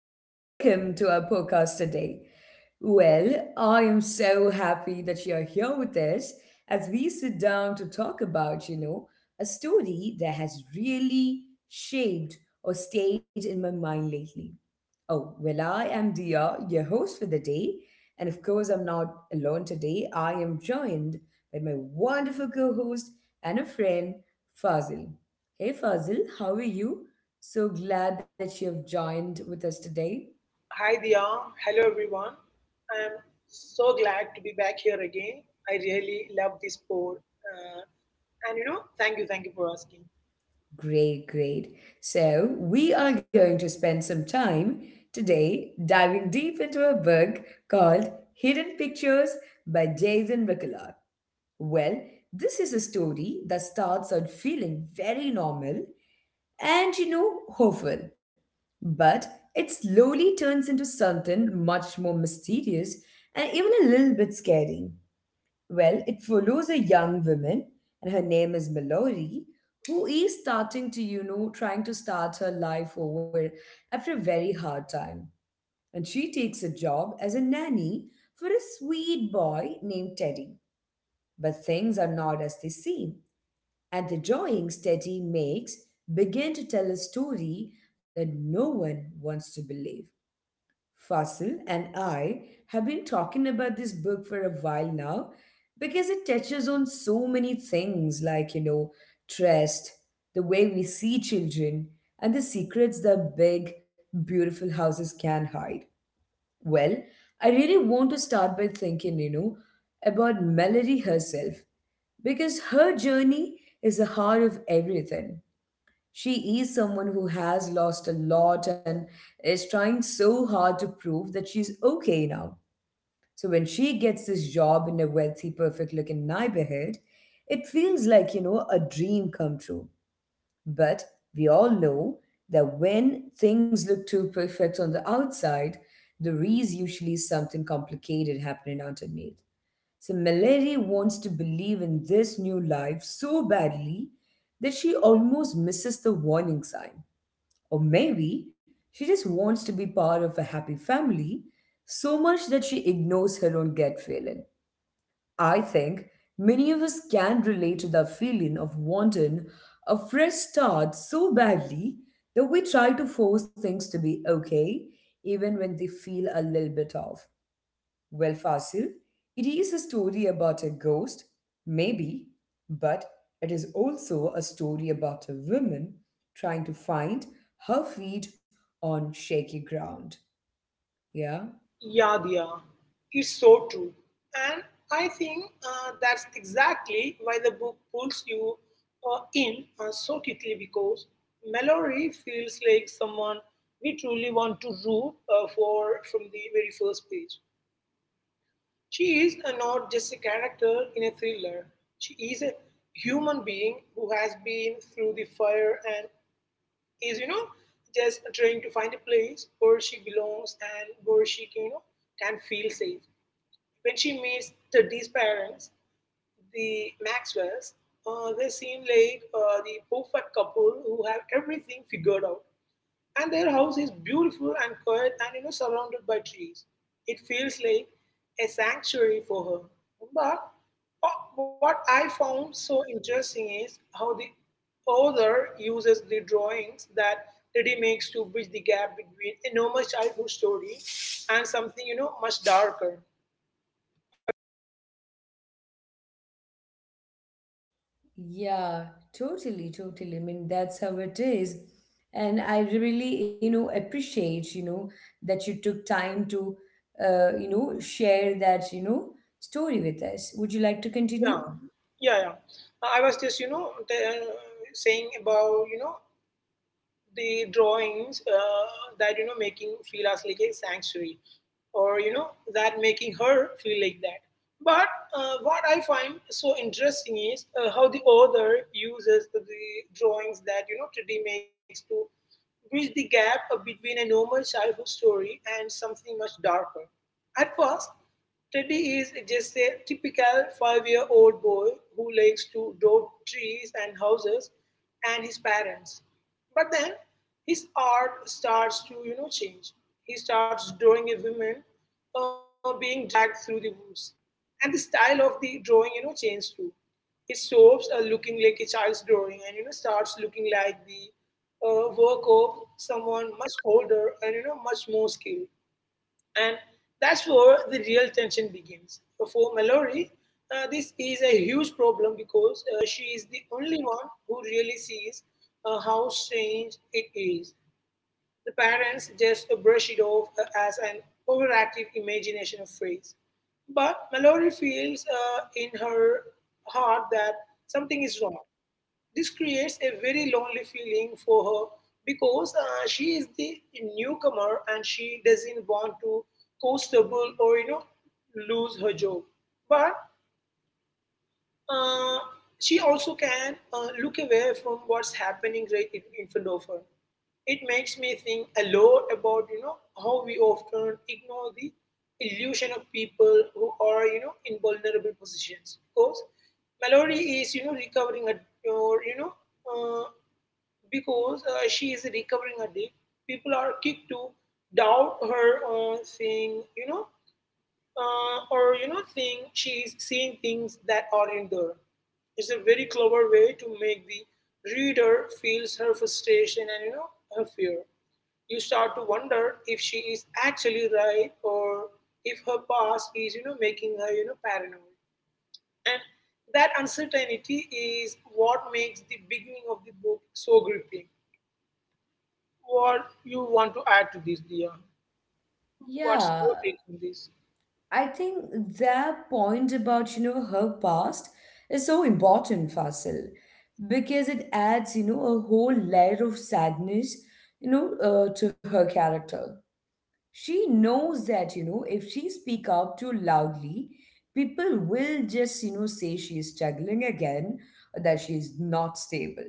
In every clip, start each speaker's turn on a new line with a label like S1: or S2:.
S1: and welcome to our podcast today. Well, I am so happy that you're here with us as we sit down to talk about a story that has really shaped or stayed in my mind lately. Oh, well, I am Dia, your host for the day. And of course, I'm not alone today. I am joined by my wonderful co host and a friend, Fazil. Hey Fazil, how are you? So glad that you have joined with us today.
S2: Hi Dia, hello everyone. I'm so glad to be back here again. I really love this sport. Uh, thank you for asking.
S1: Great, great. So, we are going to spend some time today diving deep into a book called Hidden Pictures by Jason Rickelard. Well, this is a story that starts out feeling very normal and hopeful. But it slowly turns into something much more mysterious and even a little bit scary. Well, it follows a young woman, and her name is Mallory, who is starting to, trying to start her life over after a very hard time. And she takes a job as a nanny for a sweet boy named Teddy. But things are not as they seem. And the drawings Teddy makes begin to tell a story that no one wants to believe. Fasil and I have been talking about this book for a while now because it touches on so many things like trust, the way we see children, and the secrets that big, beautiful houses can hide. Well, I really want to start by thinking about Melody herself because her journey is the heart of everything. She is someone who has lost a lot and is trying so hard to prove that she's okay now. So when she gets this job in a wealthy, perfect looking neighborhood, it feels like a dream come true. But we all know that when things look too perfect on the outside, there is usually something complicated happening underneath. So Mallory wants to believe in this new life so badly that she almost misses the warning sign. Or maybe she just wants to be part of a happy family so much that she ignores her own gut feeling. I think many of us can relate to that feeling of wanting a fresh start so badly that we try to force things to be okay even when they feel a little bit off. Well, Fasil, it is a story about a ghost, maybe, but it is also a story about a woman trying to find her feet on shaky ground. Yeah?
S2: Yeah, Dia, it's so true. And I think that's exactly why the book pulls you in so quickly because Mallory feels like someone we truly want to root for from the very first page. She is not just a character in a thriller, she is a human being who has been through the fire and is, just trying to find a place where she belongs and where she, can feel safe. When she meets Teddy's parents, the Maxwells, they seem like the perfect couple who have everything figured out. And their house is beautiful and quiet and you know surrounded by trees. It feels like a sanctuary for her. But what I found so interesting is how the author uses the drawings that Teddy makes to bridge the gap between a normal childhood story and something you know much darker. I would,
S1: Yeah, totally, totally. I mean, that's how it is. And I really, appreciate, that you took time to, share that story with us. Would you like to continue?
S2: yeah, yeah. I was just you know saying about you know the drawings that you know making feel as like a sanctuary or you know that making her feel like that but what I find so interesting is how the author uses the drawings that you know today makes to bridge the gap between a normal childhood story and something much darker. At first Teddy is just a typical five-year-old boy who likes to draw trees and houses and his parents. But then his art starts to you know change. He starts drawing a woman being dragged through the woods, and the style of the drawing you know changes too. It stops looking like a child's drawing and you know starts looking like the work of someone much older and you know much more skilled. And that's where the real tension begins. For Mallory, this is a huge problem because she is the only one who really sees how strange it is. The parents just brush it off as an overactive imagination of phrase. But Mallory feels in her heart that something is wrong. This creates a very lonely feeling for her because she is the newcomer and she doesn't want to cost double or you know lose her job. But uh, she also can look away from what's happening right in front of her. It makes me think a lot about you know how we often ignore the illusion of people who are you know in vulnerable positions because Mallory is you know recovering a, or you know uh, because she is a recovering addict, people are quick to doubt her saying, you know, or, you know, think she's seeing things that aren't there. It's a very clever way to make the reader feels her frustration and, you know, her fear. You start to wonder if she is actually right or if her past is, making her, paranoid. And that uncertainty is what makes the beginning of the book so gripping. What you want to add to this, Dia? What's your
S1: Yeah,
S2: take on this?
S1: I think their point about her past is so important, Fasil, because it adds a whole layer of sadness, to her character. She knows that if she speak up too loudly, people will just say she is struggling again, or that she is not stable.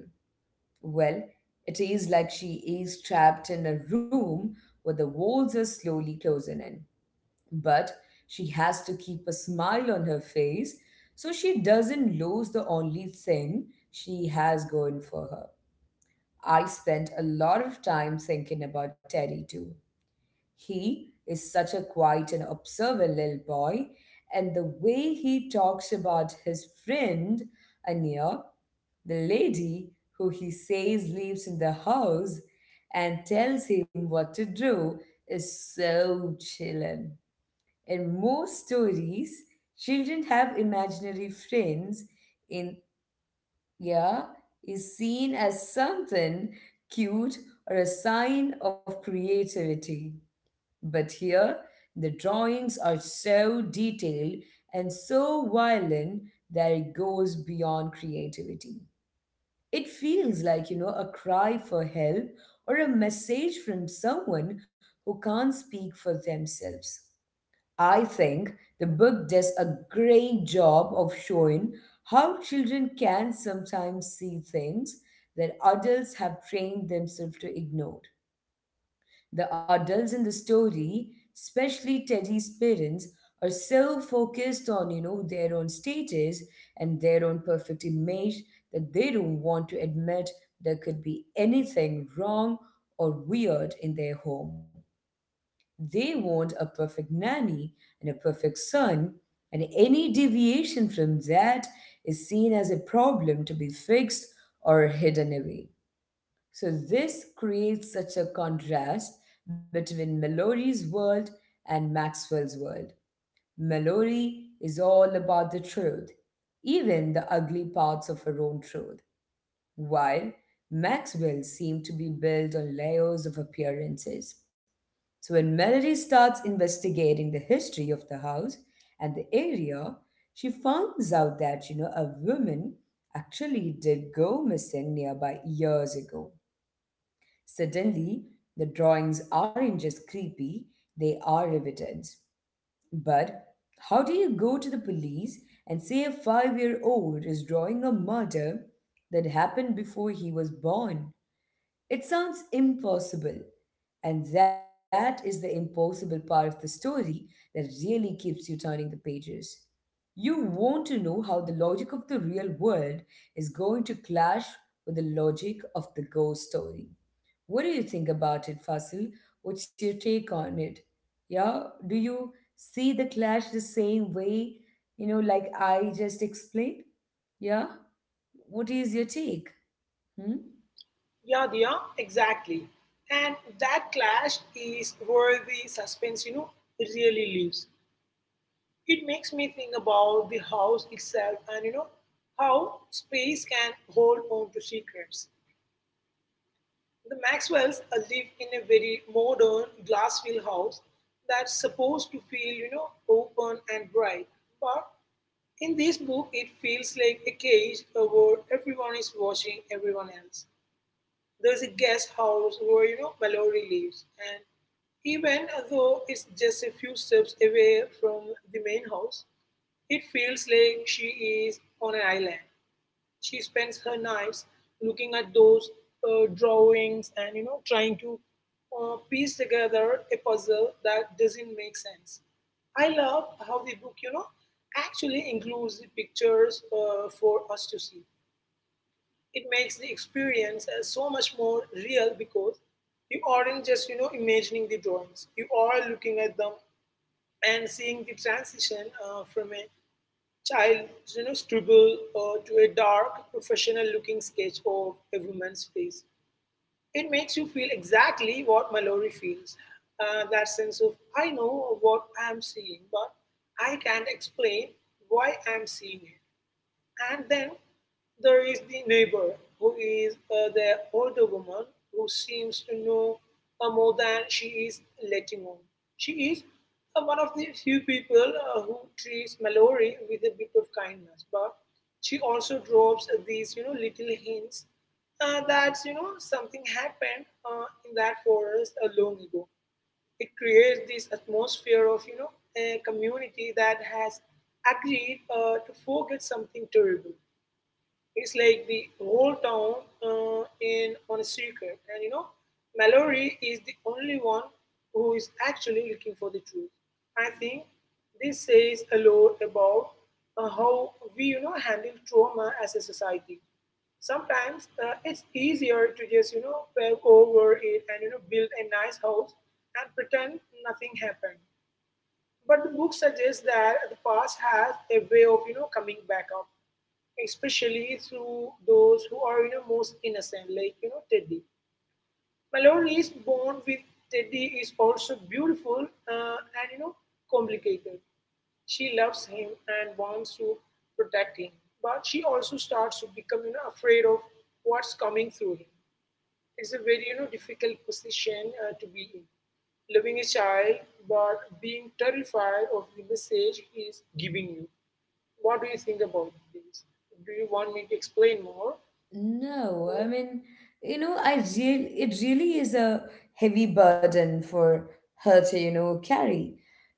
S1: Well, it is like she is trapped in a room where the walls are slowly closing in but she has to keep a smile on her face so she doesn't lose the only thing she has going for her. I spent a lot of time thinking about Teddy too. He is such a quiet and observant little boy, and the way he talks about his friend, Anya, the lady who he says lives in the house and tells him what to do, is so chilling. In most stories, children have imaginary friends in yeah is seen as something cute or a sign of creativity. But here, the drawings are so detailed and so violent that it goes beyond creativity. It feels like a cry for help or a message from someone who can't speak for themselves. I think the book does a great job of showing how children can sometimes see things that adults have trained themselves to ignore. The adults in the story, especially Teddy's parents, are so focused on their own status and their own perfect image that they don't want to admit there could be anything wrong or weird in their home. They want a perfect nanny and a perfect son, and any deviation from that is seen as a problem to be fixed or hidden away. So, this creates such a contrast between Mallory's world and Maxwell's world. Mallory is all about the truth, even the ugly parts of her own truth, while Maxwell seemed to be built on layers of appearances. So when Melody starts investigating the history of the house and the area, she finds out that a woman actually did go missing nearby years ago. Suddenly, the drawings aren't just creepy, they are evidence. But how do you go to the police and say a 5-year-old is drawing a murder that happened before he was born? It sounds impossible. And that is the impossible part of the story that really keeps you turning the pages. You want to know how the logic of the real world is going to clash with the logic of the ghost story. What do you think about it, Fasil? What's your take on it? Yeah, do you see the clash the same way, like I just explained? Yeah, what is your take? Hmm?
S2: Yeah, Dia, exactly. And that clash is where the suspense, really lives. It makes me think about the house itself and, how space can hold on to secrets. The Maxwells live in a very modern glass-filled house that's supposed to feel, open and bright. But in this book, it feels like a cage where everyone is watching everyone else. There's a guest house where, Mallory lives. And even though it's just a few steps away from the main house, it feels like she is on an island. She spends her nights looking at those drawings and you know trying to piece together a puzzle that doesn't make sense. I love how the book you know actually includes the pictures for us to see. It makes the experience so much more real because you aren't just you know imagining the drawings. You are looking at them and seeing the transition from a child, scribble to a dark, professional-looking sketch of a woman's face. It makes you feel exactly what Mallory feels. That sense of I know what I'm seeing, but I can't explain why I'm seeing it. And then there is the neighbor, who is the older woman who seems to know more than she is letting on. She is one of the few people who treats Mallory with a bit of kindness, but she also drops these, little hints that you know something happened in that forest long ago. It creates this atmosphere of you know a community that has agreed to forget something terrible. It's like the whole town in on a secret, and Mallory is the only one who is actually looking for the truth. I think this says a lot about how we, handle trauma as a society. Sometimes it's easier to just, pave over it and you know build a nice house and pretend nothing happened. But the book suggests that the past has a way of you know coming back up, especially through those who are you know most innocent, like you know Teddy. Mallory is born with Teddy is also beautiful and you know complicated. She loves him and wants to protect him, but she also starts to become you know afraid of what's coming through him. It's a very you know difficult position to be in. Loving a child but being terrified of the message he is giving you. What do you think about this? Do you want me to explain more?
S1: No, I mean, I real it really is a heavy burden for her to, carry,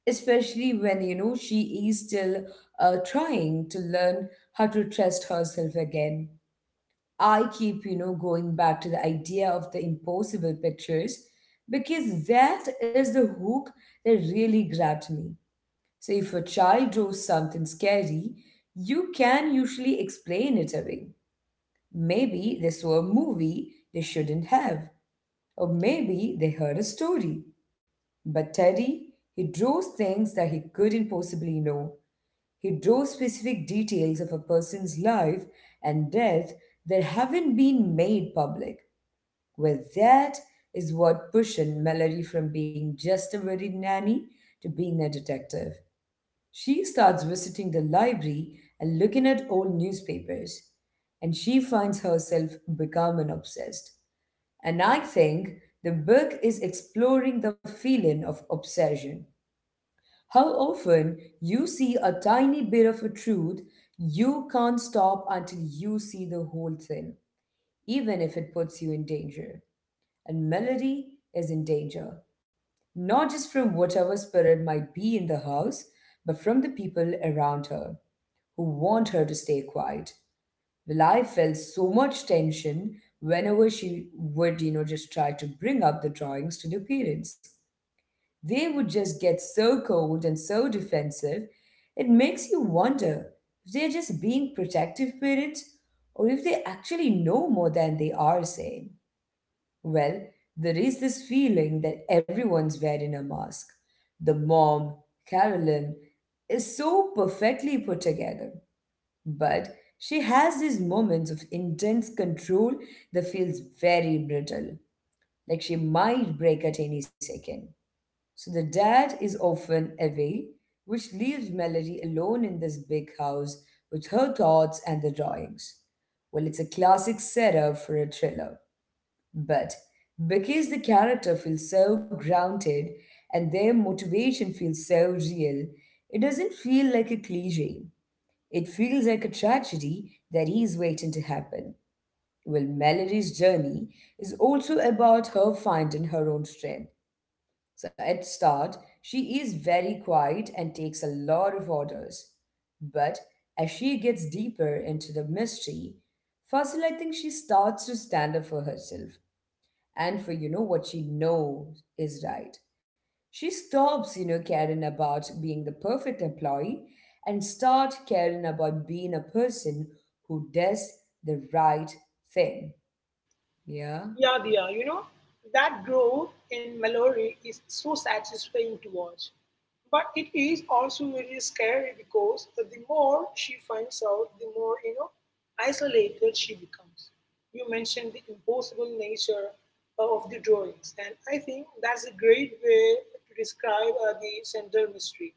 S1: especially when, she is still trying to learn how to trust herself again. I keep, going back to the idea of the impossible pictures because that is the hook that really grabbed me. So if a child draws something scary, you can usually explain it away. Maybe they saw a movie they shouldn't have, or maybe they heard a story. But Teddy, he draws things that he couldn't possibly know. He draws specific details of a person's life and death that haven't been made public. Well, that is what pushed Mallory from being just a worried nanny to being a detective. She starts visiting the library and looking at old newspapers, and she finds herself becoming obsessed. And I think the book is exploring the feeling of obsession. How often you see a tiny bit of a truth, you can't stop until you see the whole thing, even if it puts you in danger. And Melody is in danger, not just from whatever spirit might be in the house, but from the people around her who want her to stay quiet. Well, I felt so much tension whenever she would, just try to bring up the drawings to the parents. They would just get so cold and so defensive. It makes you wonder if they're just being protective parents or if they actually know more than they are saying. Well, there is this feeling that everyone's wearing a mask. The mom, Carolyn, is so perfectly put together. But she has these moments of intense control that feels very brittle, like she might break at any second. So the dad is often away, which leaves Melody alone in this big house with her thoughts and the drawings. Well, it's a classic setup for a thriller. But because the character feels so grounded and their motivation feels so real, it doesn't feel like a cliche. It feels like a tragedy that is waiting to happen. Well, Mallory's journey is also about her finding her own strength. So at start, she is very quiet and takes a lot of orders. But as she gets deeper into the mystery, Fasil, I think she starts to stand up for herself and for what she knows is right. She stops, caring about being the perfect employee and start caring about being a person who does the right thing. Yeah.
S2: Yeah, Diya, you know, that growth in Mallory is so satisfying to watch. But it is also very scary because the more she finds out, the more, isolated she becomes. You mentioned the impossible nature of the drawings, and I think that's a great way to describe the central mystery.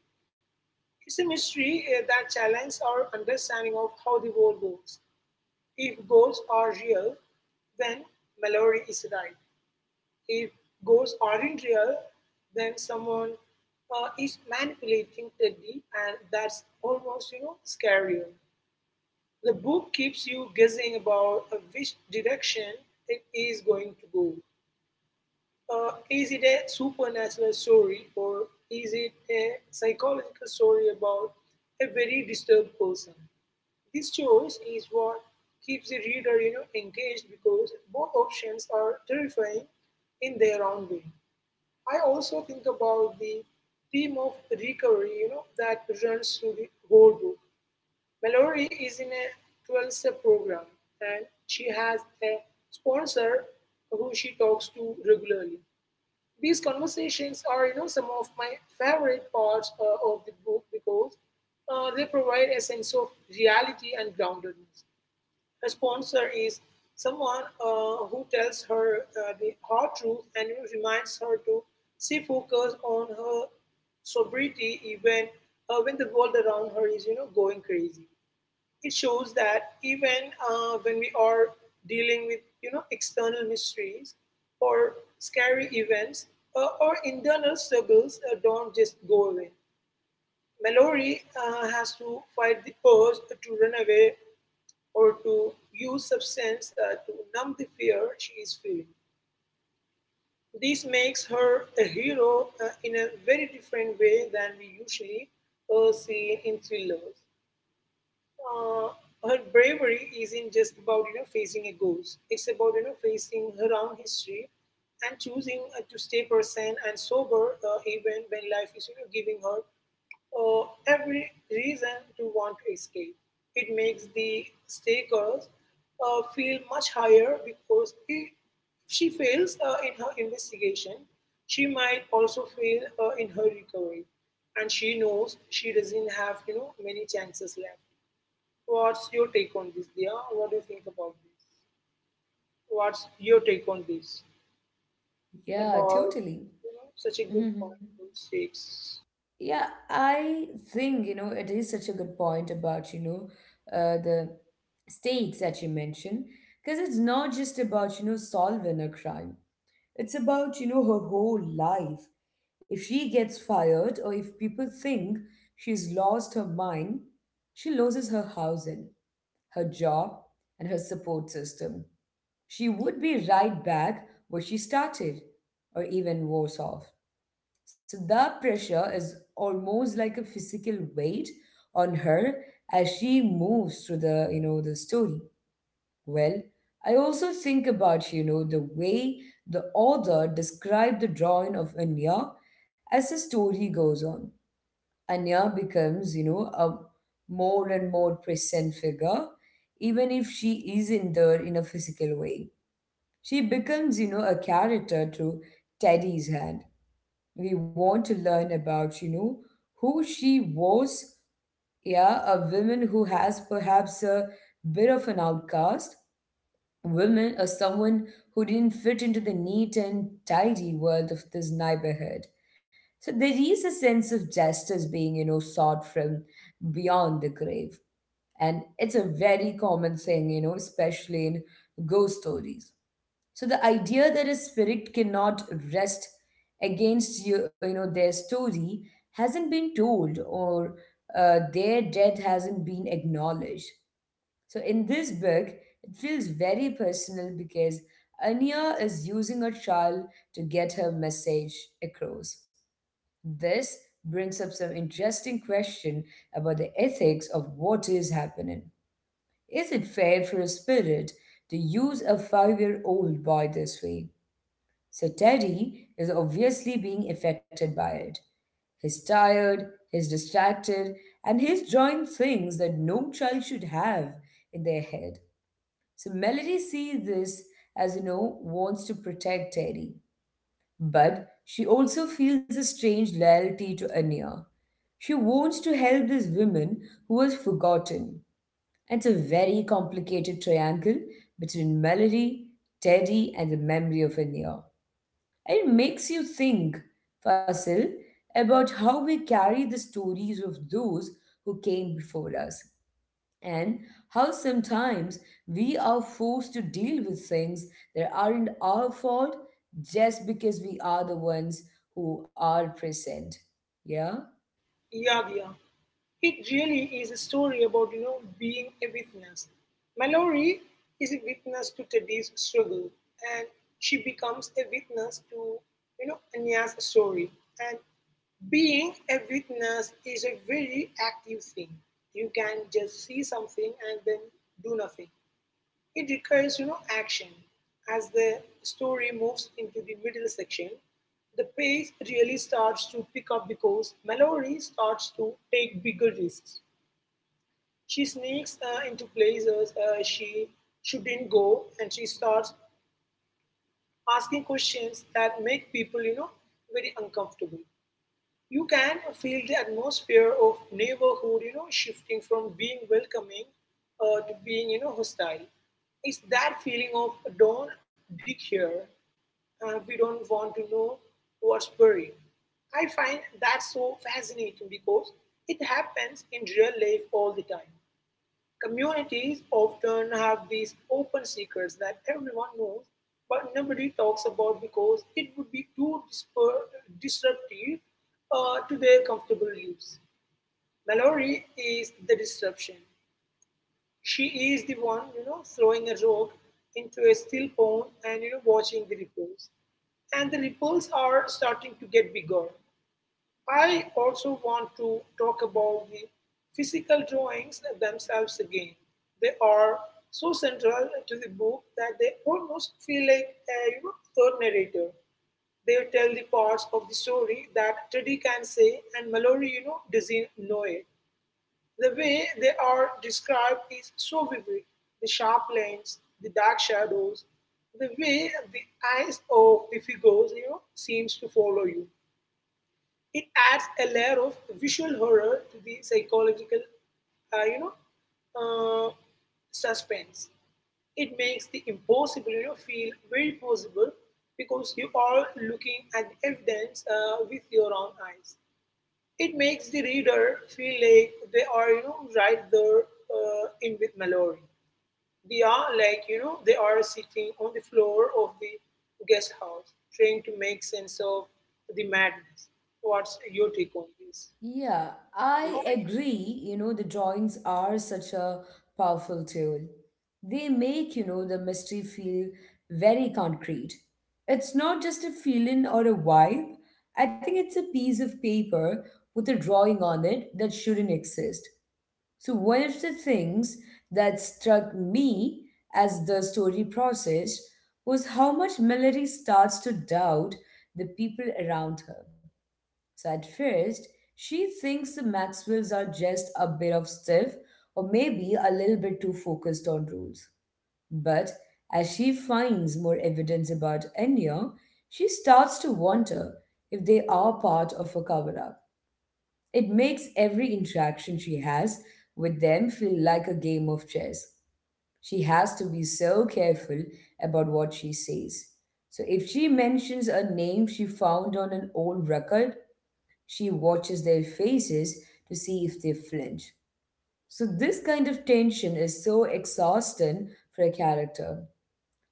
S2: It's a mystery that challenges our understanding of how the world goes. If goals are real, then Mallory is right. If ghosts aren't real, then someone is manipulating Teddy, and that's almost, scarier. The book keeps you guessing about which direction it is going to go. Is it a supernatural story or is it a psychological story about a very disturbed person? This choice is what keeps the reader, engaged because both options are terrifying in their own way. I also think about the theme of recovery, that runs through the whole book. Mallory is in a 12 step program and she has a sponsor who she talks to regularly. These conversations are, some of my favorite parts of the book because they provide a sense of reality and groundedness. A sponsor is someone who tells her the hard truth and you know reminds her to stay focused on her sobriety even when the world around her is you know going crazy. It shows that even when we are dealing with you know external mysteries or scary events, our internal struggles don't just go away. Mallory has to fight the urge to run away or to use substance to numb the fear she is feeling. This makes her a hero in a very different way than we usually see in thrillers. Uh, Her bravery isn't just about you know facing a ghost. It's about you know facing her own history and choosing to stay present and sober even when life is you know giving her every reason to want to escape. It makes the stakers feel much higher because if she fails in her investigation, she might also fail in her recovery, and she knows she doesn't have you know many chances left. What's your take on this, Dia? What do you think about this? What's your take on this?
S1: Yeah,
S2: About
S1: totally.
S2: you know such a good point about six.
S1: Yeah, I think, it is such a good point about, the stakes that you mentioned, because it's not just about, solving a crime. It's about, her whole life. If she gets fired or if people think she's lost her mind, she loses her housing, her job, and her support system. She would be right back where she started, or even worse off. So that pressure is almost like a physical weight on her as she moves through the, the story. Well, I also think about, the way the author described the drawing of Anya as the story goes on. Anya becomes, a more and more present figure, even if she isn't there in a physical way. She becomes, a character through Teddy's hand. We want to learn about, who she was. Yeah, a woman who has perhaps a bit of an outcast woman or someone who didn't fit into the neat and tidy world of this neighborhood. So there is a sense of justice being, sought from beyond the grave. And it's a very common thing, especially in ghost stories. So the idea that a spirit cannot rest against you, you know their story hasn't been told or their death hasn't been acknowledged. So in this book, it feels very personal because Anya is using a child to get her message across. This brings up some interesting question about the ethics of what is happening. Is it fair for a spirit to use a five-year-old boy this way? So Teddy is obviously being affected by it. He's tired, he's distracted, and he's drawing things that no child should have in their head. So Melody sees this as, wants to protect Teddy. But she also feels a strange loyalty to Anya. She wants to help this woman who was forgotten. And it's a very complicated triangle between Melody, Teddy, and the memory of Anya. It makes you think, Fasil, about how we carry the stories of those who came before us, and how sometimes we are forced to deal with things that aren't our fault just because we are the ones who are present. Yeah?
S2: Yeah, Dia. It really is a story about you know being a witness. Mallory is a witness to Teddy's struggle, and she becomes a witness to you know Anya's story. And being a witness is a very active thing. You can just see something and then do nothing. It requires, action. As the story moves into the middle section, the pace really starts to pick up because Mallory starts to take bigger risks. She sneaks into places she shouldn't go, and she starts asking questions that make people, very uncomfortable. You can feel the atmosphere of neighborhood, shifting from being welcoming to being, hostile. It's that feeling of don't dig here. We don't want to know what's buried. I find that so fascinating because it happens in real life all the time. Communities often have these open secrets that everyone knows but nobody talks about because it would be too disruptive to their comfortable lives. Mallory is the disruption. She is the one, throwing a rock into a still pond and, watching the ripples. And the ripples are starting to get bigger. I also want to talk about the physical drawings themselves again. They are so central to the book that they almost feel like a third narrator. They tell the parts of the story that Teddy can say and Mallory, doesn't know it. The way they are described is so vivid. The sharp lines, the dark shadows, the way the eyes of the figures, seems to follow you it adds a layer of visual horror to the psychological, uh, you know, uh, suspense. It makes the impossible, feel very possible because you are looking at the evidence with your own eyes. It makes the reader feel like they are, right there in with Mallory. They are like, they are sitting on the floor of the guest house trying to make sense of the madness. What's your take on this?
S1: Yeah, I agree. The drawings are such a powerful tool. They make, the mystery feel very concrete. It's not just a feeling or a vibe. I think it's a piece of paper with a drawing on it that shouldn't exist. So, one of the things that struck me as the story process was how much Melody starts to doubt the people around her. So at first, she thinks the Maxwells are just a bit of stiff or maybe a little bit too focused on rules. But as she finds more evidence about Enya, she starts to wonder if they are part of a cover up. It makes every interaction she has with them feel like a game of chess. She has to be so careful about what she says. So if she mentions a name she found on an old record, she watches their faces to see if they flinch. So, this kind of tension is so exhausting for a character.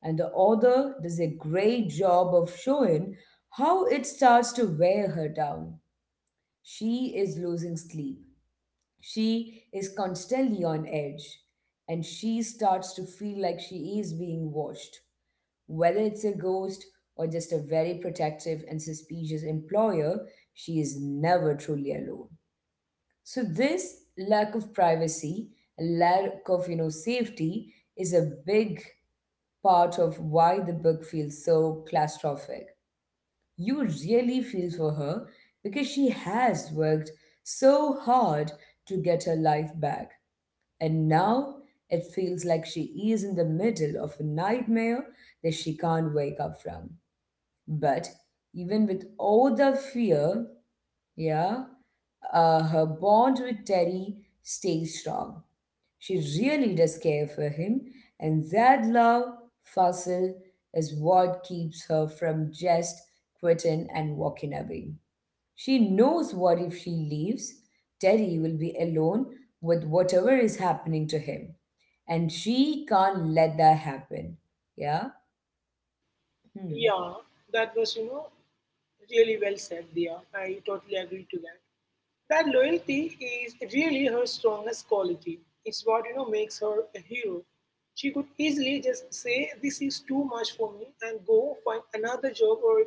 S1: And the author does a great job of showing how it starts to wear her down. She is losing sleep. She is constantly on edge. And she starts to feel like she is being watched. Whether it's a ghost or just a very protective and suspicious employer, she is never truly alone. So this lack of privacy, lack of safety is a big part of why the book feels so claustrophobic. You really feel for her because she has worked so hard to get her life back. And now it feels like she is in the middle of a nightmare that she can't wake up from. But even with all the fear, yeah. Her bond with Terry stays strong. She really does care for him, and that love, Fasil, is what keeps her from just quitting and walking away. She knows what if she leaves, Terry will be alone with whatever is happening to him, and she can't let that happen. Yeah? Hmm.
S2: Yeah, that was, really well said, Dia. I totally agree to that. That loyalty is really her strongest quality. It's what, makes her a hero. She could easily just say, "This is too much for me," and go find another job or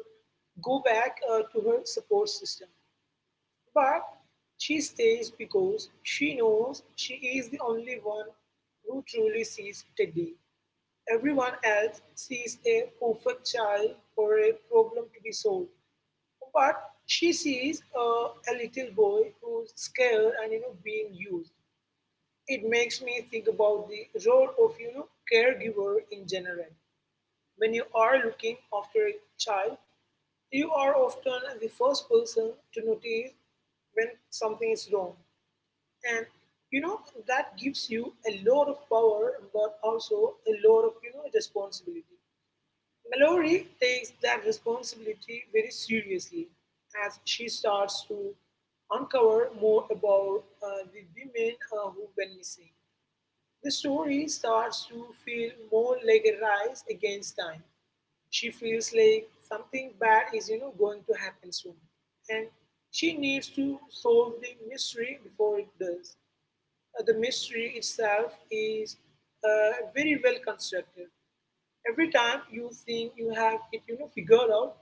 S2: go back to her support system. But she stays because she knows she is the only one who truly sees Teddy. Everyone else sees a perfect child or a problem to be solved. But she sees a little boy who's scared and being used. It makes me think about the role of caregiver in general. When you are looking after a child, you are often the first person to notice when something is wrong. And you know that gives you a lot of power but also a lot of responsibility. Mallory takes that responsibility very seriously as she starts to uncover more about the women who went missing. The story starts to feel more like a race against time. She feels like something bad is, going to happen soon, and she needs to solve the mystery before it does. The mystery itself is very well constructed. Every time you think you have it, figured out,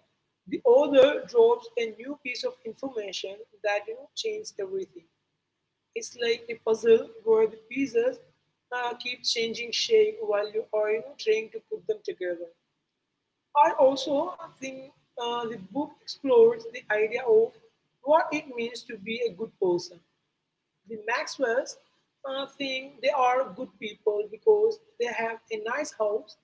S2: the author drops a new piece of information that changes everything. It's like a puzzle where the pieces keep changing shape while you are trying to put them together. I also think the book explores the idea of what it means to be a good person. The Maxwells think they are good people because they have a nice house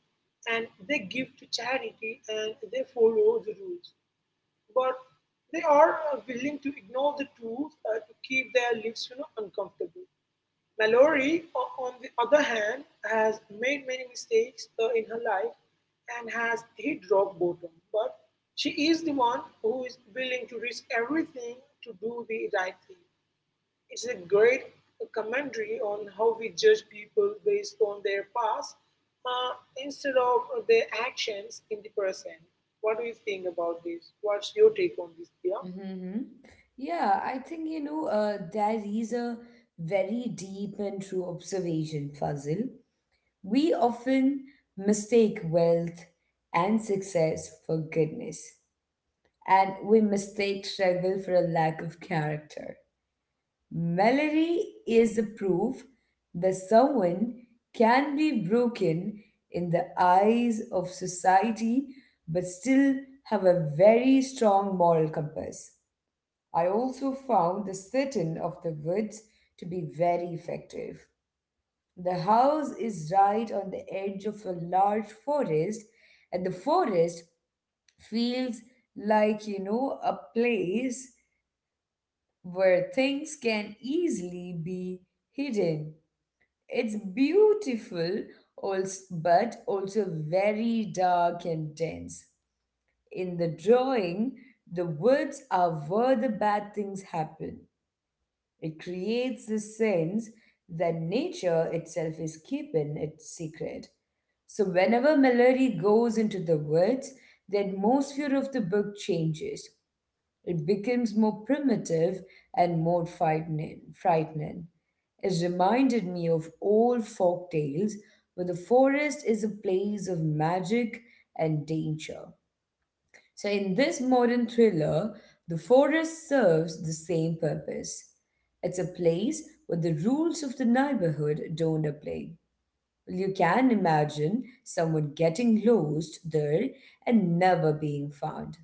S2: and they give to charity and they follow the rules but they are willing to ignore the truth to keep their lives uncomfortable. Mallory, on the other hand, has made many mistakes in her life and has hit rock bottom. But she is the one who is willing to risk everything to do the right thing. It's a great commentary on how we judge people based on their past uh, instead of their actions in the present. What do you think about this? What's your take on this, Dia?
S1: Mm-hmm. Yeah, I think there is a very deep and true observation, Fazil. We often mistake wealth and success for goodness, and we mistake struggle for a lack of character. Melody is the proof that someone can be broken in the eyes of society but still have a very strong moral compass. I also found the sit-in of the woods to be very effective. The house is right on the edge of a large forest, and the forest feels like, a place where things can easily be hidden. It's beautiful, but also very dark and dense. In the drawing, the woods are where the bad things happen. It creates this sense that nature itself is keeping it secret. So, whenever melody goes into the words, the atmosphere of the book changes. It becomes more primitive and more frightening. It reminded me of old folk tales where the forest is a place of magic and danger. So, in this modern thriller, the forest serves the same purpose. It's a place where the rules of the neighborhood don't apply. Well, you can imagine someone getting lost there and never being found,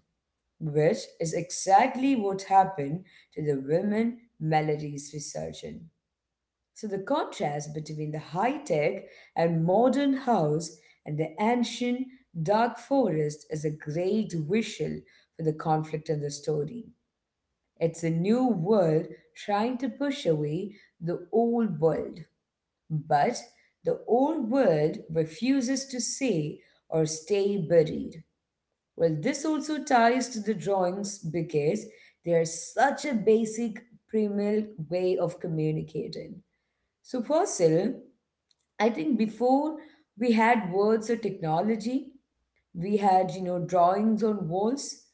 S1: which is exactly what happened to the woman Melody's research in. So the contrast between the high-tech and modern house and the ancient dark forest is a great visual for the conflict in the story. It's a new world trying to push away the old world, but the old world refuses to say or stay buried. Well, this also ties to the drawings because they are such a basic primal way of communicating. So, Fasil, I think before we had words or technology, we had, drawings on walls.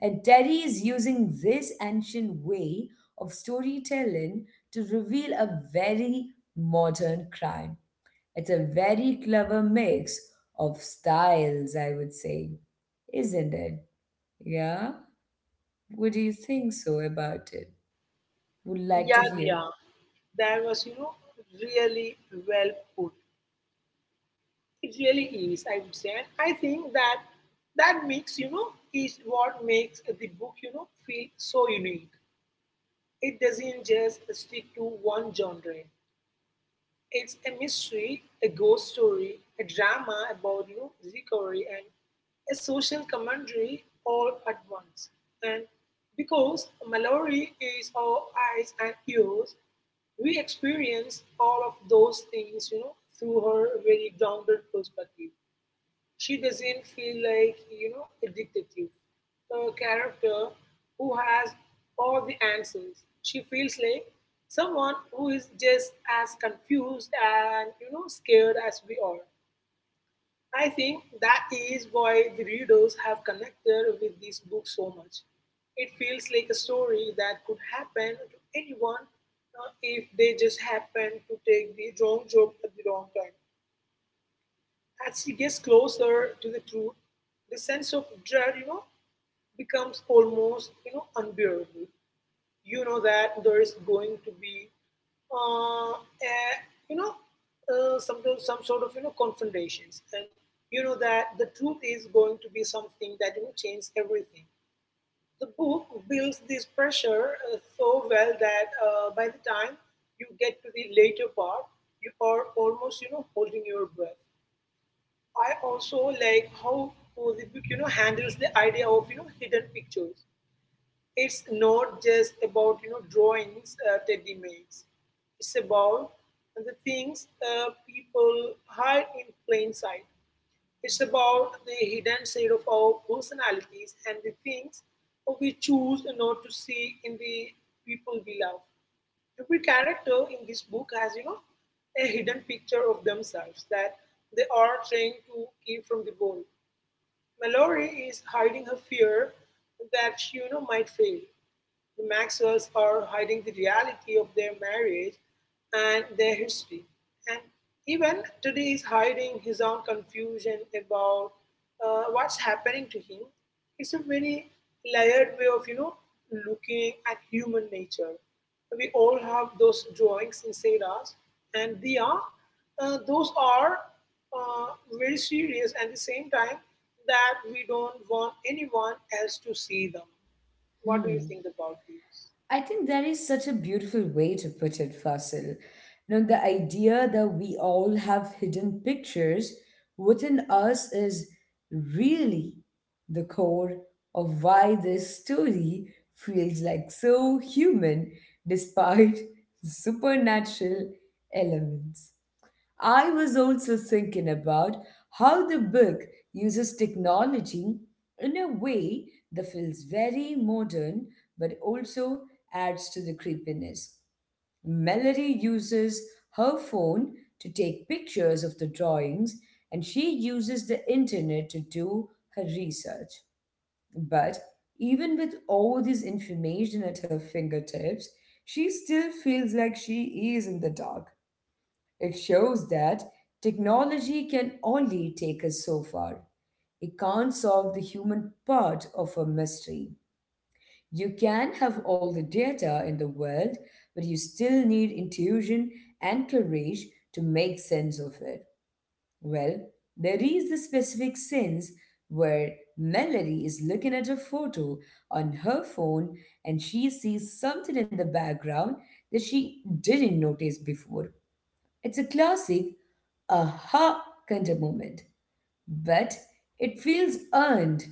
S1: And Terry is using this ancient way of storytelling to reveal a very modern crime. It's a very clever mix of styles, I would say, isn't it? Yeah? What do you think so about it? Would like to
S2: Yeah,
S1: hear.
S2: Dia. That was, really well put. It really is, I would say. And I think that that mix, is what makes the book, feel so unique. It doesn't just stick to one genre. It's a mystery, a ghost story, a drama about recovery, and a social commentary all at once. And because Mallory is our eyes and ears, we experience all of those things, through her very grounded perspective. She doesn't feel like, a detective, a character who has all the answers. She feels like someone who is just as confused and, scared as we are. I think that is why the readers have connected with this book so much. It feels like a story that could happen to anyone if they just happen to take the wrong job at the wrong time. As he gets closer to the truth, the sense of dread, becomes almost, unbearable. You know that there is going to be, a, you know, some sort of confrontations, and you know that the truth is going to be something that changes everything. The book builds this pressure so well that by the time you get to the later part, you are almost holding your breath. I also like how the book, handles the idea of hidden pictures. It's not just about drawings Teddy makes. It's about the things people hide in plain sight. It's about the hidden side of our personalities and the things we choose not to see in the people we love. Every character in this book has, a hidden picture of themselves that they are trying to keep from the world. Mallory is hiding her fear that she might fail. The Maxwells are hiding the reality of their marriage and their history. And even today is hiding his own confusion about what's happening to him. It's a very layered way of, looking at human nature. We all have those drawings inside us, and they are, those are uh, uh, very serious and at the same time that we don't want anyone else to see them. What do you
S1: Hmm.
S2: think about this?
S1: I think that is such a beautiful way to put it, Fasil. You know, the idea that we all have hidden pictures within us is really the core of why this story feels like so human despite supernatural elements. I was also thinking about how the book uses technology in a way that feels very modern but also adds to the creepiness. Melody uses her phone to take pictures of the drawings and she uses the internet to do her research. But even with all this information at her fingertips, she still feels like she is in the dark. It shows that technology can only take us so far. It can't solve the human part of a mystery. You can have all the data in the world, but you still need intuition and courage to make sense of it. Well, there is the specific sense where Melody is looking at a photo on her phone and she sees something in the background that she didn't notice before. It's a classic aha kind of moment, but it feels earned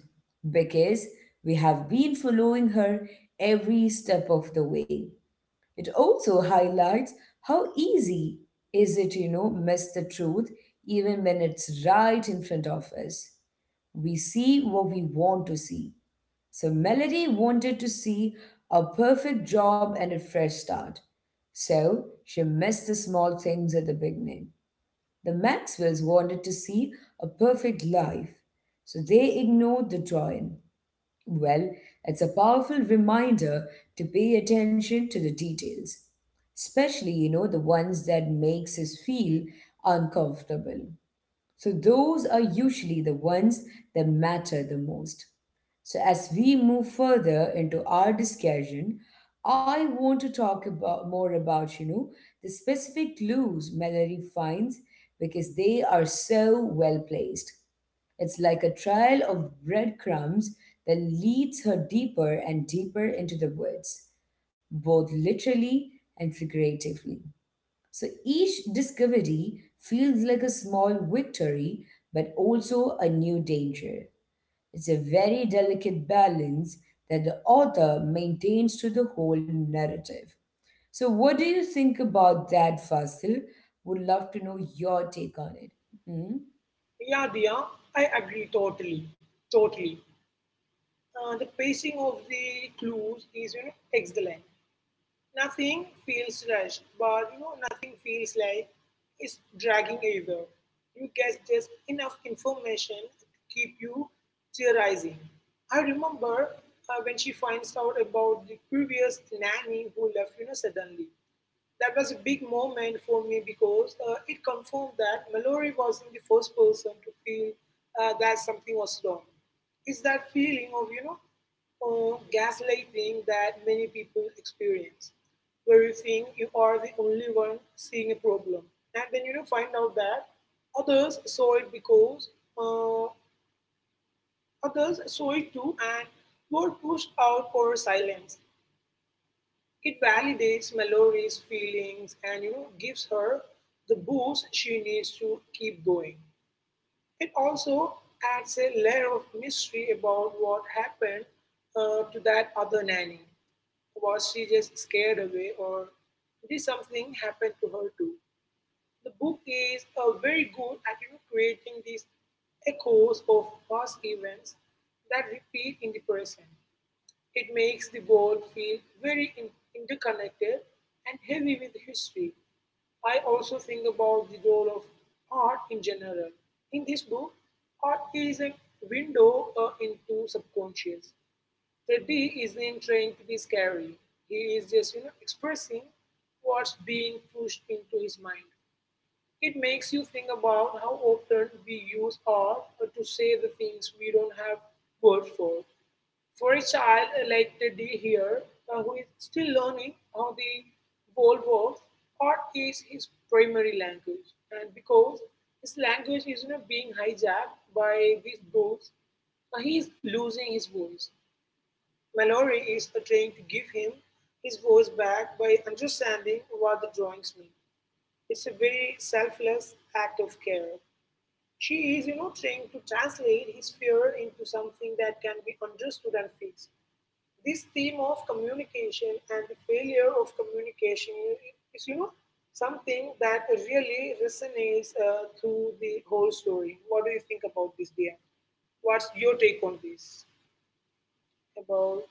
S1: because we have been following her every step of the way. It also highlights how easy is it, miss the truth even when it's right in front of us. We see what we want to see. So Melody wanted to see a perfect job and a fresh start. So she missed the small things at the beginning. The Maxwells wanted to see a perfect life, so they ignored the drawing. Well, it's a powerful reminder to pay attention to the details, especially, the ones that makes us feel uncomfortable. So those are usually the ones that matter the most. So as we move further into our discussion, I want to talk about more about, the specific clues Mallory finds because they are so well placed. It's like a trail of breadcrumbs that leads her deeper and deeper into the woods, both literally and figuratively. So each discovery feels like a small victory, but also a new danger. It's a very delicate balance that the author maintains to the whole narrative. So, what do you think about that, Fasil? Would love to know your take on it. Hmm?
S2: Yeah, Dia, I agree totally. Totally. The pacing of the clues is excellent. Nothing feels rushed, but nothing feels like it's dragging either. You get just enough information to keep you theorizing. I remember when she finds out about the previous nanny who left, suddenly. That was a big moment for me because it confirmed that Mallory wasn't the first person to feel that something was wrong. It's that feeling of, gaslighting that many people experience, where you think you are the only one seeing a problem. And then, find out that others saw it because uh, others saw it too and were pushed out or silenced. It validates Mallory's feelings and gives her the boost she needs to keep going. It also adds a layer of mystery about what happened to that other nanny. Was she just scared away, or did something happen to her too? The book is very good at creating these echoes of past events that repeat in the present. It makes the world feel very interconnected and heavy with history. I also think about the role of art in general. In this book, art is a window into subconscious. Teddy isn't trying to be scary. He is just, expressing what's being pushed into his mind. It makes you think about how often we use art to say the things we don't have words for. For a child like Teddy here, who is still learning how the world works, art is his primary language. And because his language is being hijacked by these books, he is losing his voice. Mallory is trying to give him his voice back by understanding what the drawings mean. It's a very selfless act of care. She is, trying to translate his fear into something that can be understood and fixed. This theme of communication and the failure of communication is, something that really resonates through the whole story. What do you think about this, dear? What's your take on this about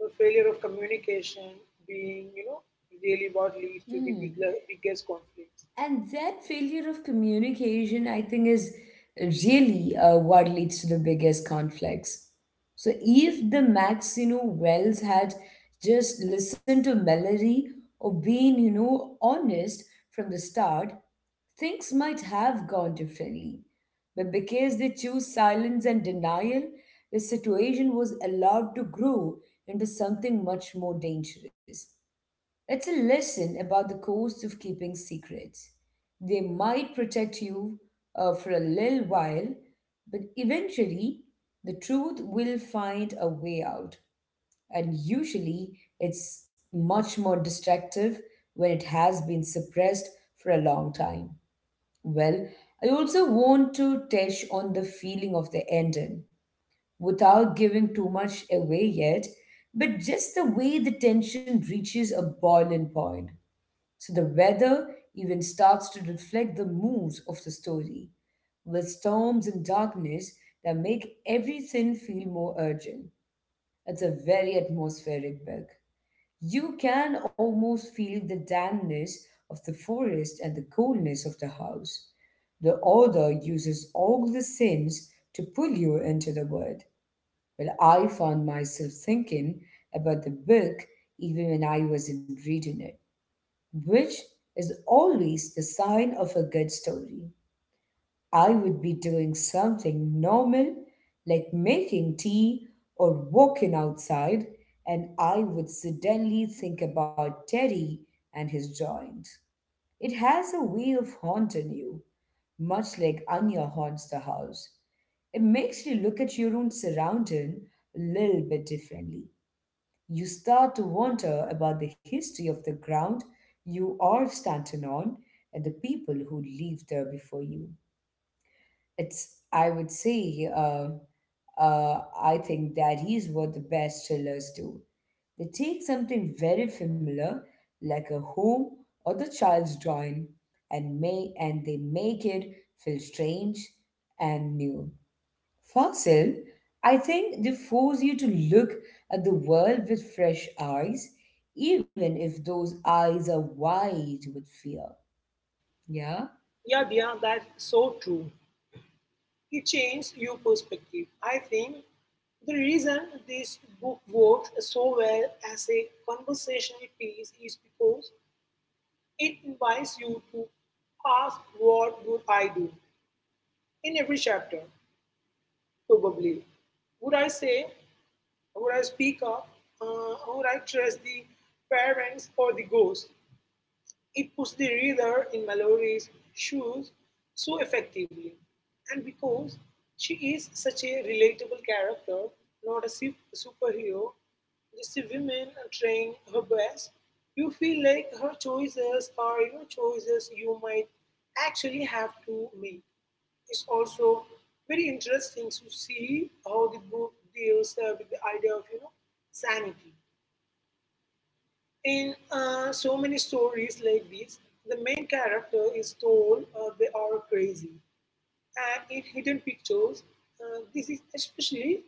S2: the failure of communication being, really what leads to the big,
S1: Hmm.
S2: biggest conflicts?
S1: And that failure of communication, I think, is really what leads to the biggest conflicts. So if the Max, Wells had just listened to Melody or been, honest from the start, things might have gone differently. But because they chose silence and denial, the situation was allowed to grow into something much more dangerous. It's a lesson about the cost of keeping secrets. They might protect you for a little while, but eventually the truth will find a way out. And usually it's much more destructive when it has been suppressed for a long time. Well, I also want to touch on the feeling of the ending without giving too much away yet, but just the way the tension reaches a boiling point. So the weather even starts to reflect the moods of the story, with storms and darkness that make everything feel more urgent. It's a very atmospheric book. You can almost feel the dampness of the forest and the coldness of the house. The author uses all the sins to pull you into the world. Well, I found myself thinking about the book even when I wasn't reading it, which is always the sign of a good story. I would be doing something normal, like making tea or walking outside, and I would suddenly think about Teddy and his joint. It has a way of haunting you, much like Anya haunts the house. It makes you look at your own surrounding a little bit differently. You start to wonder about the history of the ground you are standing on and the people who lived there before you. It's, I would say, I think that is what the best thrillers do. They take something very familiar, like a home or the child's drawing, and they make it feel strange and new. Fossil, I think they force you to look at the world with fresh eyes, even if those eyes are wide with fear. Yeah?
S2: Yeah, Dia, that's so true. It changed your perspective. I think the reason this book works so well as a conversational piece is because it invites you to ask what would I do in every chapter, probably. Would I say, would I speak up, would I trust the parents or the ghost? It puts the reader in Mallory's shoes so effectively. And because she is such a relatable character, not a superhero, just a woman trying her best, you feel like her choices are choices you might actually have to make. It's also very interesting to see how the book deals with the idea of sanity in so many stories like this, the main character is told they are crazy. And in Hidden Pictures, this is especially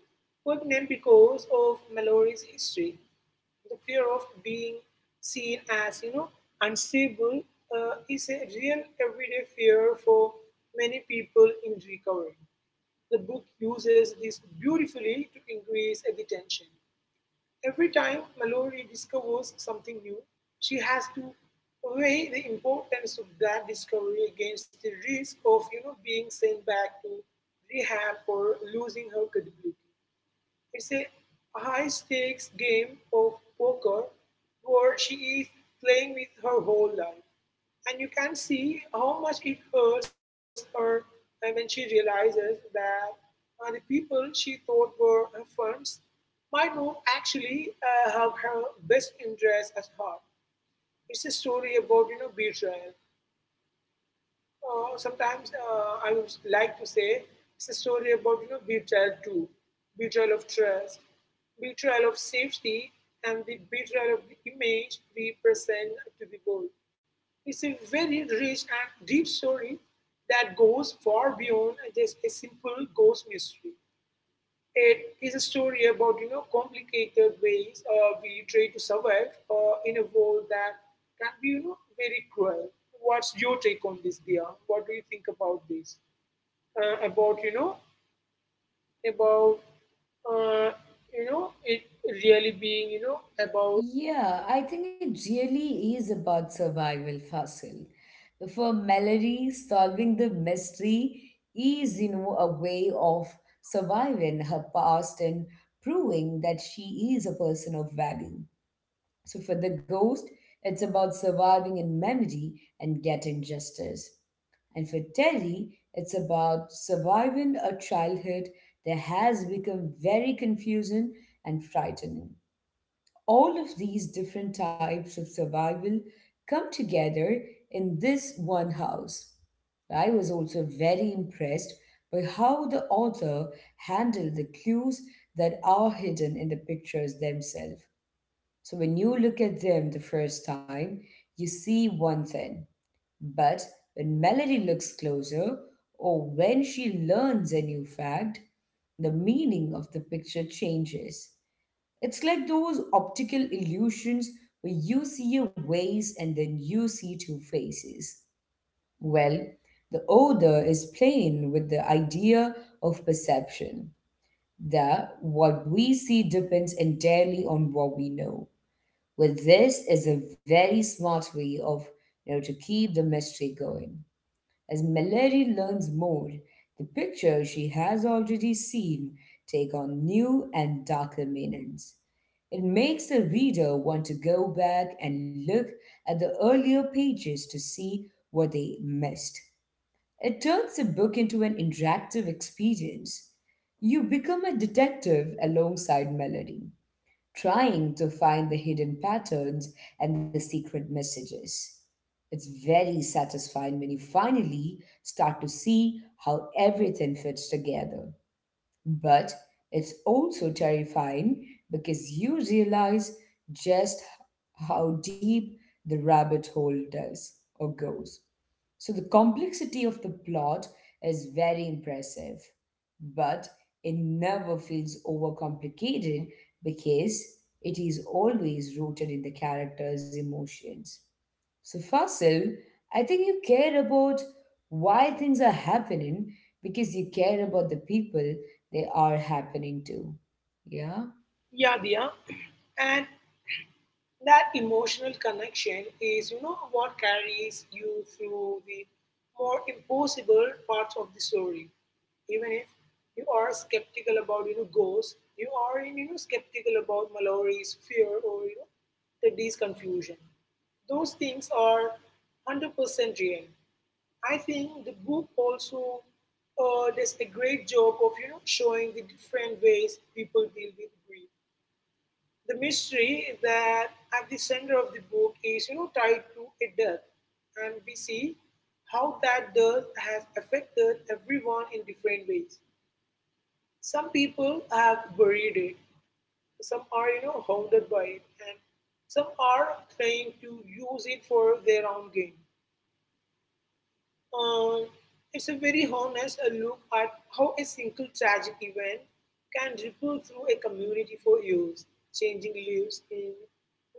S2: pertinent because of Mallory's history. The fear of being seen as, unstable is a real everyday fear for many people in recovery. The book uses this beautifully to increase the tension. Every time Mallory discovers something new, she has to weigh the importance of that discovery against the risk of being sent back to rehab or losing her credibility. It's a high stakes game of poker where she is playing with her whole life, and you can see how much it hurts her when she realizes that the people she thought were her friends might not actually have her best interests at heart. It's a story about betrayal, sometimes I would like to say it's a story about betrayal too, betrayal of trust, betrayal of safety, and the betrayal of the image we present to the world. It's a very rich and deep story that goes far beyond just a simple ghost mystery. It is a story about complicated ways we try to survive in a world that can be very cruel. What's your take on this, Dia? What do you think about this? Uh, about you know about uh, you know it really being you know about
S1: Yeah, I think it really is about survival, Fossil. For Mallory, solving the mystery is, you know, a way of surviving her past and proving that she is a person of value. So for the ghost, it's about surviving in memory and getting justice. And for Terry, it's about surviving a childhood that has become very confusing and frightening. All of these different types of survival come together in this one house. I was also very impressed by how the author handled the clues that are hidden in the pictures themselves. So when you look at them the first time, you see one thing. But when Melody looks closer, or when she learns a new fact, the meaning of the picture changes. It's like those optical illusions where you see a vase and then you see two faces. Well, the odor is playing with the idea of perception, that what we see depends entirely on what we know. With this is a very smart way of, you know, to keep the mystery going. As melody learns more, the pictures she has already seen take on new and darker meanings. It makes the reader want to go back and look at the earlier pages to see what they missed. It turns the book into an interactive experience. You become a detective alongside melody, trying to find the hidden patterns and the secret messages. It's very satisfying when you finally start to see how everything fits together. But it's also terrifying because you realize just how deep the rabbit hole does or goes. So the complexity of the plot is very impressive, but it never feels overcomplicated because it is always rooted in the character's emotions. So Fasil, I think you care about why things are happening because you care about the people they are happening to. Yeah?
S2: yeah, Dia. And that emotional connection is what carries you through the more impossible parts of the story even if you are skeptical about ghosts, you are skeptical about mallory's fear or teddy's confusion, those things are 100% real. I think the book also does a great job of showing the different ways people deal with grief. The mystery that at the center of the book is, tied to a death, and we see how that death has affected everyone in different ways. Some people have buried it, some are, haunted by it, and some are trying to use it for their own gain. Um, it's a very honest look at how a single tragic event can ripple through a community for years, changing lives in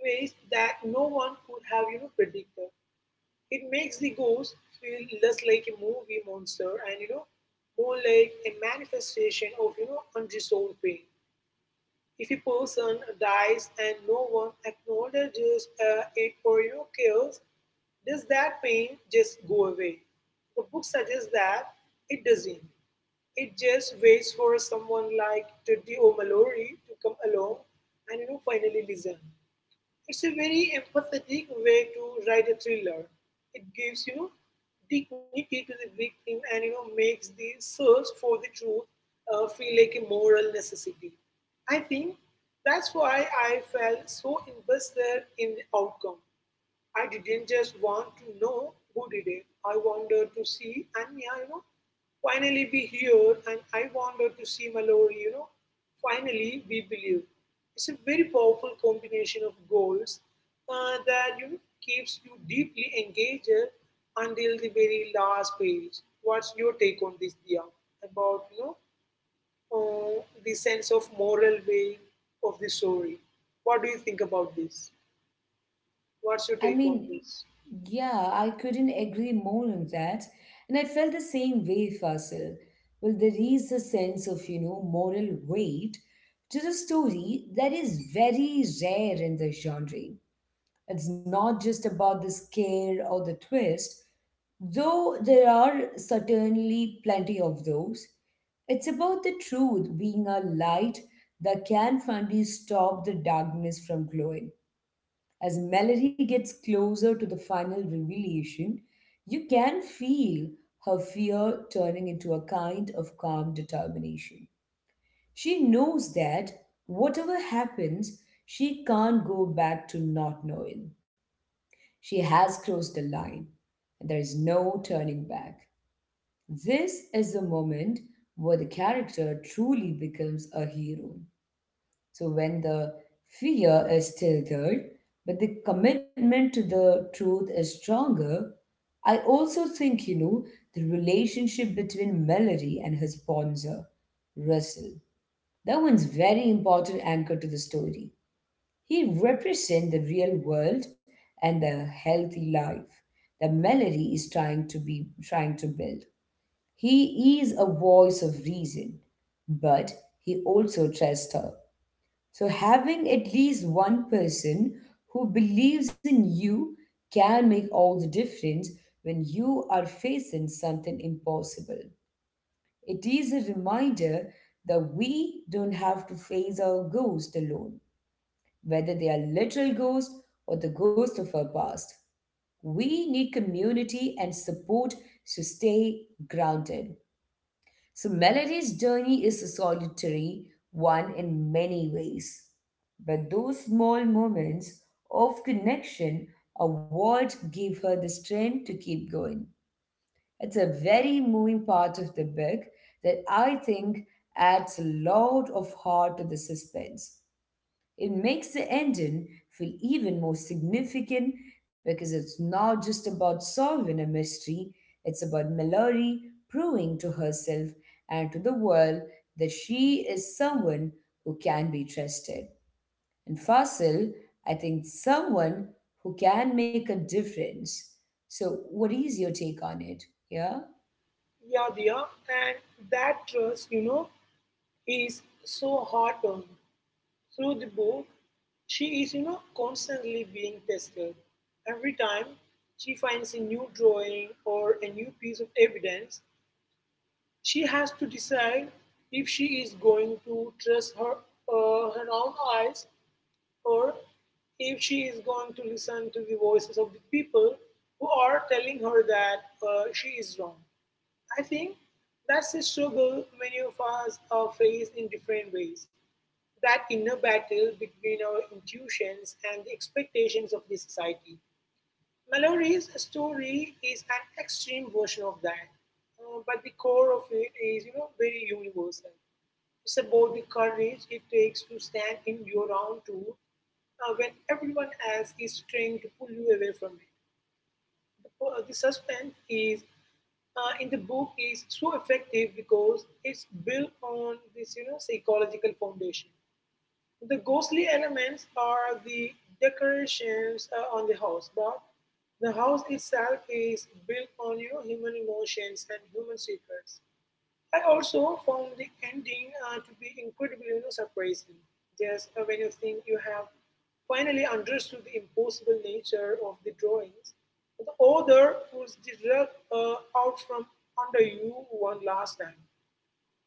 S2: ways that no one could have predicted. It makes the ghost feel less like a movie monster and more like a manifestation of unresolved pain. If a person dies and no one acknowledges it or cares, does that pain just go away? The book suggests that it doesn't. It just waits for someone like Teddy O'Mallory to come along and finally listen. It's a very empathetic way to write a thriller. It gives dignity to the victim and makes the search for the truth feel like a moral necessity. I think that's why I felt so invested in the outcome. I didn't just want to know who did it. I wanted to see Anya, finally be heard, and I wanted to see Mallory, finally be believed. It's a very powerful combination of goals that keeps you deeply engaged until the very last page. What's your take on this, Dia, about uh, the sense of moral weight of the story? What do you think about this? What's your
S1: I
S2: take on
S1: mean,
S2: this?
S1: yeah, I couldn't agree more on that. And I felt the same way, Fasil. Well, there is a sense of, you know, moral weight to the story that is very rare in the genre. It's not just about the scare or the twist, though there are certainly plenty of those. It's about the truth being a light that can finally stop the darkness from glowing. As Melody gets closer to the final revelation, you can feel her fear turning into a kind of calm determination. She knows that whatever happens, she can't go back to not knowing. She has crossed the line, and there is no turning back. This is the moment where the character truly becomes a hero. So when the fear is tilted, but the commitment to the truth is stronger, I also think, you know, the relationship between Melody and her sponsor, Russell, that one's very important anchor to the story. He represents the real world and the healthy life that Melody is trying to build. He is a voice of reason, but he also trusts her. So, having at least one person who believes in you can make all the difference when you are facing something impossible. It is a reminder that we don't have to face our ghosts alone, whether they are literal ghosts or the ghost of our past. We need community and support to stay grounded. So Melody's journey is a solitary one in many ways. But those small moments of connection are what give her the strength to keep going. It's a very moving part of the book that I think adds a lot of heart to the suspense. It makes the ending feel even more significant because it's not just about solving a mystery, it's about Mallory proving to herself and to the world that she is someone who can be trusted. And Fasil, I think, someone who can make a difference. So, what is your take on it? Yeah?
S2: Yadnya, and that trust, is so hard earned. Through the book, she is, constantly being tested. Every time she finds a new drawing or a new piece of evidence, she has to decide if she is going to trust her own eyes, or if she is going to listen to the voices of the people who are telling her that she is wrong. I think that's a struggle many of us face in different ways. That inner battle between our intuitions and the expectations of the society. Mallory's story is an extreme version of that, but the core of it is, very universal. It's about the courage it takes to stand in your own truth when everyone else is trying to pull you away from it. The suspense is in the book is so effective because it's built on this psychological foundation. The ghostly elements are the decorations on the house, but the house itself is built on human emotions and human secrets. I also found the ending to be incredibly surprising. Just when you think you have finally understood the impossible nature of the drawings, the author pulls the rug out from under you one last time.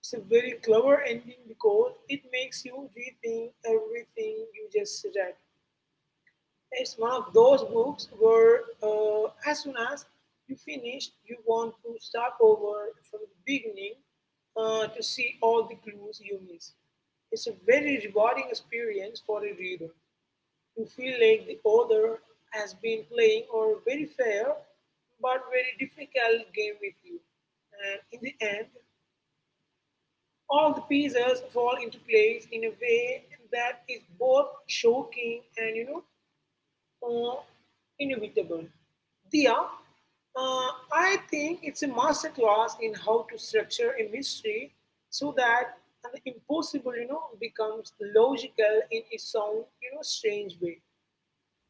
S2: It's a very clever ending because it makes you rethink everything you just read. It's one of those books where, as soon as you finish, you want to start over from the beginning to see all the clues you missed. It's a very rewarding experience for a reader. You feel like the author has been playing a very fair but very difficult game with you. And in the end, all the pieces fall into place in a way that is both shocking and you know or inevitable. Diya, I think it's a masterclass in how to structure a mystery so that the impossible, becomes logical in its own, strange way.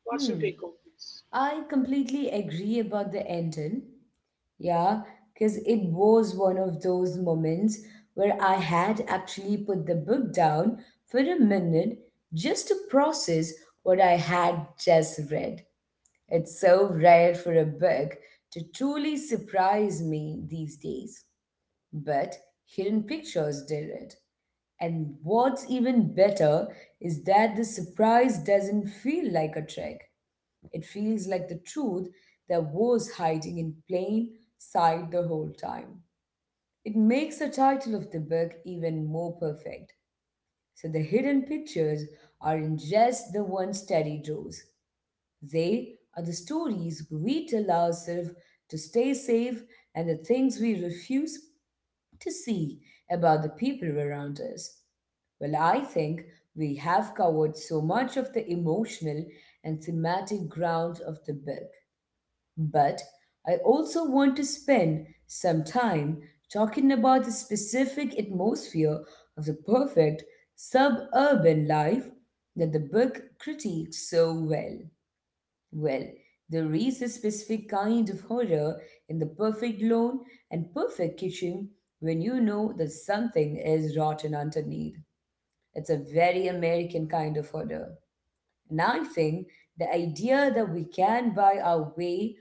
S2: What's your
S1: Hmm.
S2: take on this?
S1: I completely agree about the ending. Yeah, because it was one of those moments where I had actually put the book down for a minute just to process what I had just read. It's so rare for a book to truly surprise me these days. But Hidden Pictures did it. And what's even better is that the surprise doesn't feel like a trick. It feels like the truth that was hiding in plain sight the whole time. It makes the title of the book even more perfect. So the hidden pictures aren't just the ones Teddy draws. They are the stories we tell ourselves to stay safe and the things we refuse to see about the people around us. Well, I think we have covered so much of the emotional and thematic ground of the book. But I also want to spend some time talking about the specific atmosphere of the perfect suburban life that the book critiques so well. Well, there is a specific kind of horror in the perfect lawn and perfect kitchen when you know that something is rotten underneath. It's a very American kind of horror, and I think the idea that we can buy our way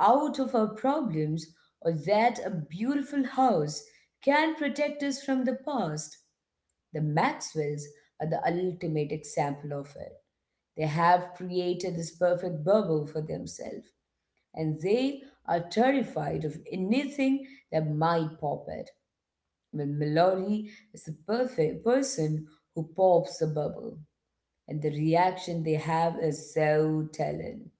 S1: out of our problems or that a beautiful house can protect us from the past, the Maxwells are the ultimate example of it. They have created this perfect bubble for themselves, and they are terrified of anything that might pop it. Well, Mallory is the perfect person who pops the bubble, and the reaction they have is so telling.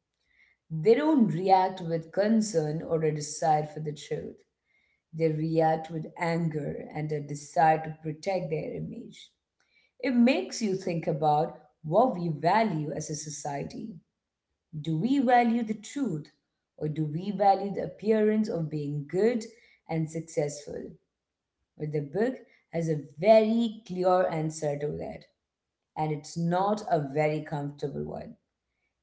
S1: They don't react with concern or a desire for the truth. They react with anger and a desire to protect their image. It makes you think about what we value as a society. Do we value the truth, or do we value the appearance of being good and successful? But the book has a very clear answer to that, and it's not a very comfortable one.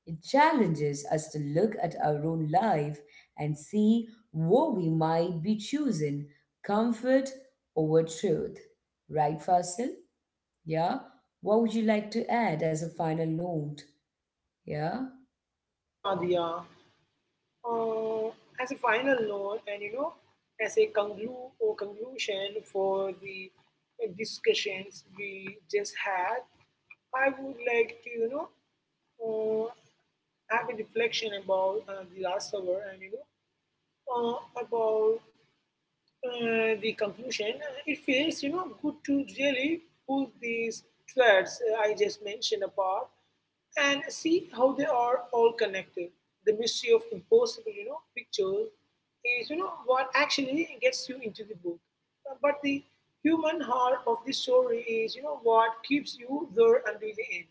S1: It challenges us to look at our own life and see what we might be choosing comfort over truth. Right, Fasil? Yeah? What would you like to add as a final note? Yeah?
S2: Yeah, Diya. Uh, as a final note, and as a conclu- or conclusion for the discussions we just had, I would like to, uh, have a reflection about the last hour and uh, about the conclusion, it feels good to really pull these threads I just mentioned apart and see how they are all connected. The mystery of impossible, pictures is what actually gets you into the book. But the human heart of the story is what keeps you there until the end.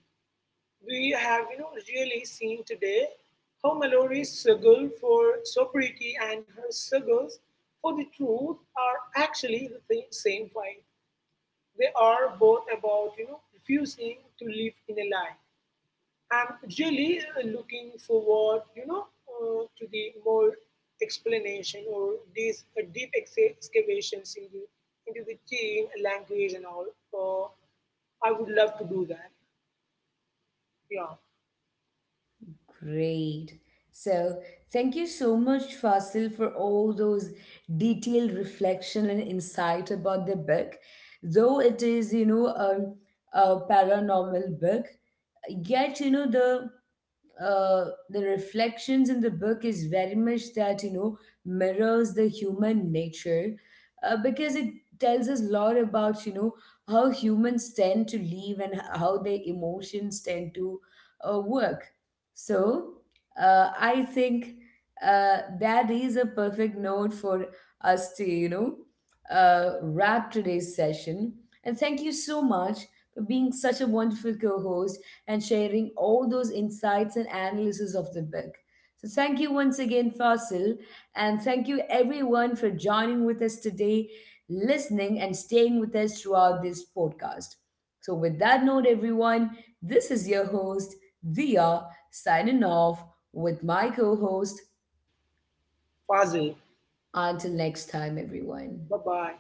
S2: We have really seen today how Mallory struggle for sobriety and her struggles for the truth are actually the same fight. They are both about refusing to live in a lie, and really looking forward to the more explanation or these deep excavations into the gene language and all. Uh, I would love to do that. Yeah,
S1: Great. So, thank you so much, Fasil, for all those detailed reflection and insight about the book. Though it is, you know, a paranormal book, yet, you know, the reflections in the book is very much that, you know, mirrors the human nature, because it tells us a lot about, you know, how humans tend to live and how their emotions tend to work. So, I think that is a perfect note for us to, you know, wrap today's session, and thank you so much for being such a wonderful co-host and sharing all those insights and analysis of the book. So, thank you once again, Fasil, and thank you everyone for joining with us today, listening, and staying with us throughout this podcast. So, with that note, everyone, this is your host, Dia, signing off with my co host.
S2: Fazil.
S1: Until next time, everyone.
S2: Bye bye.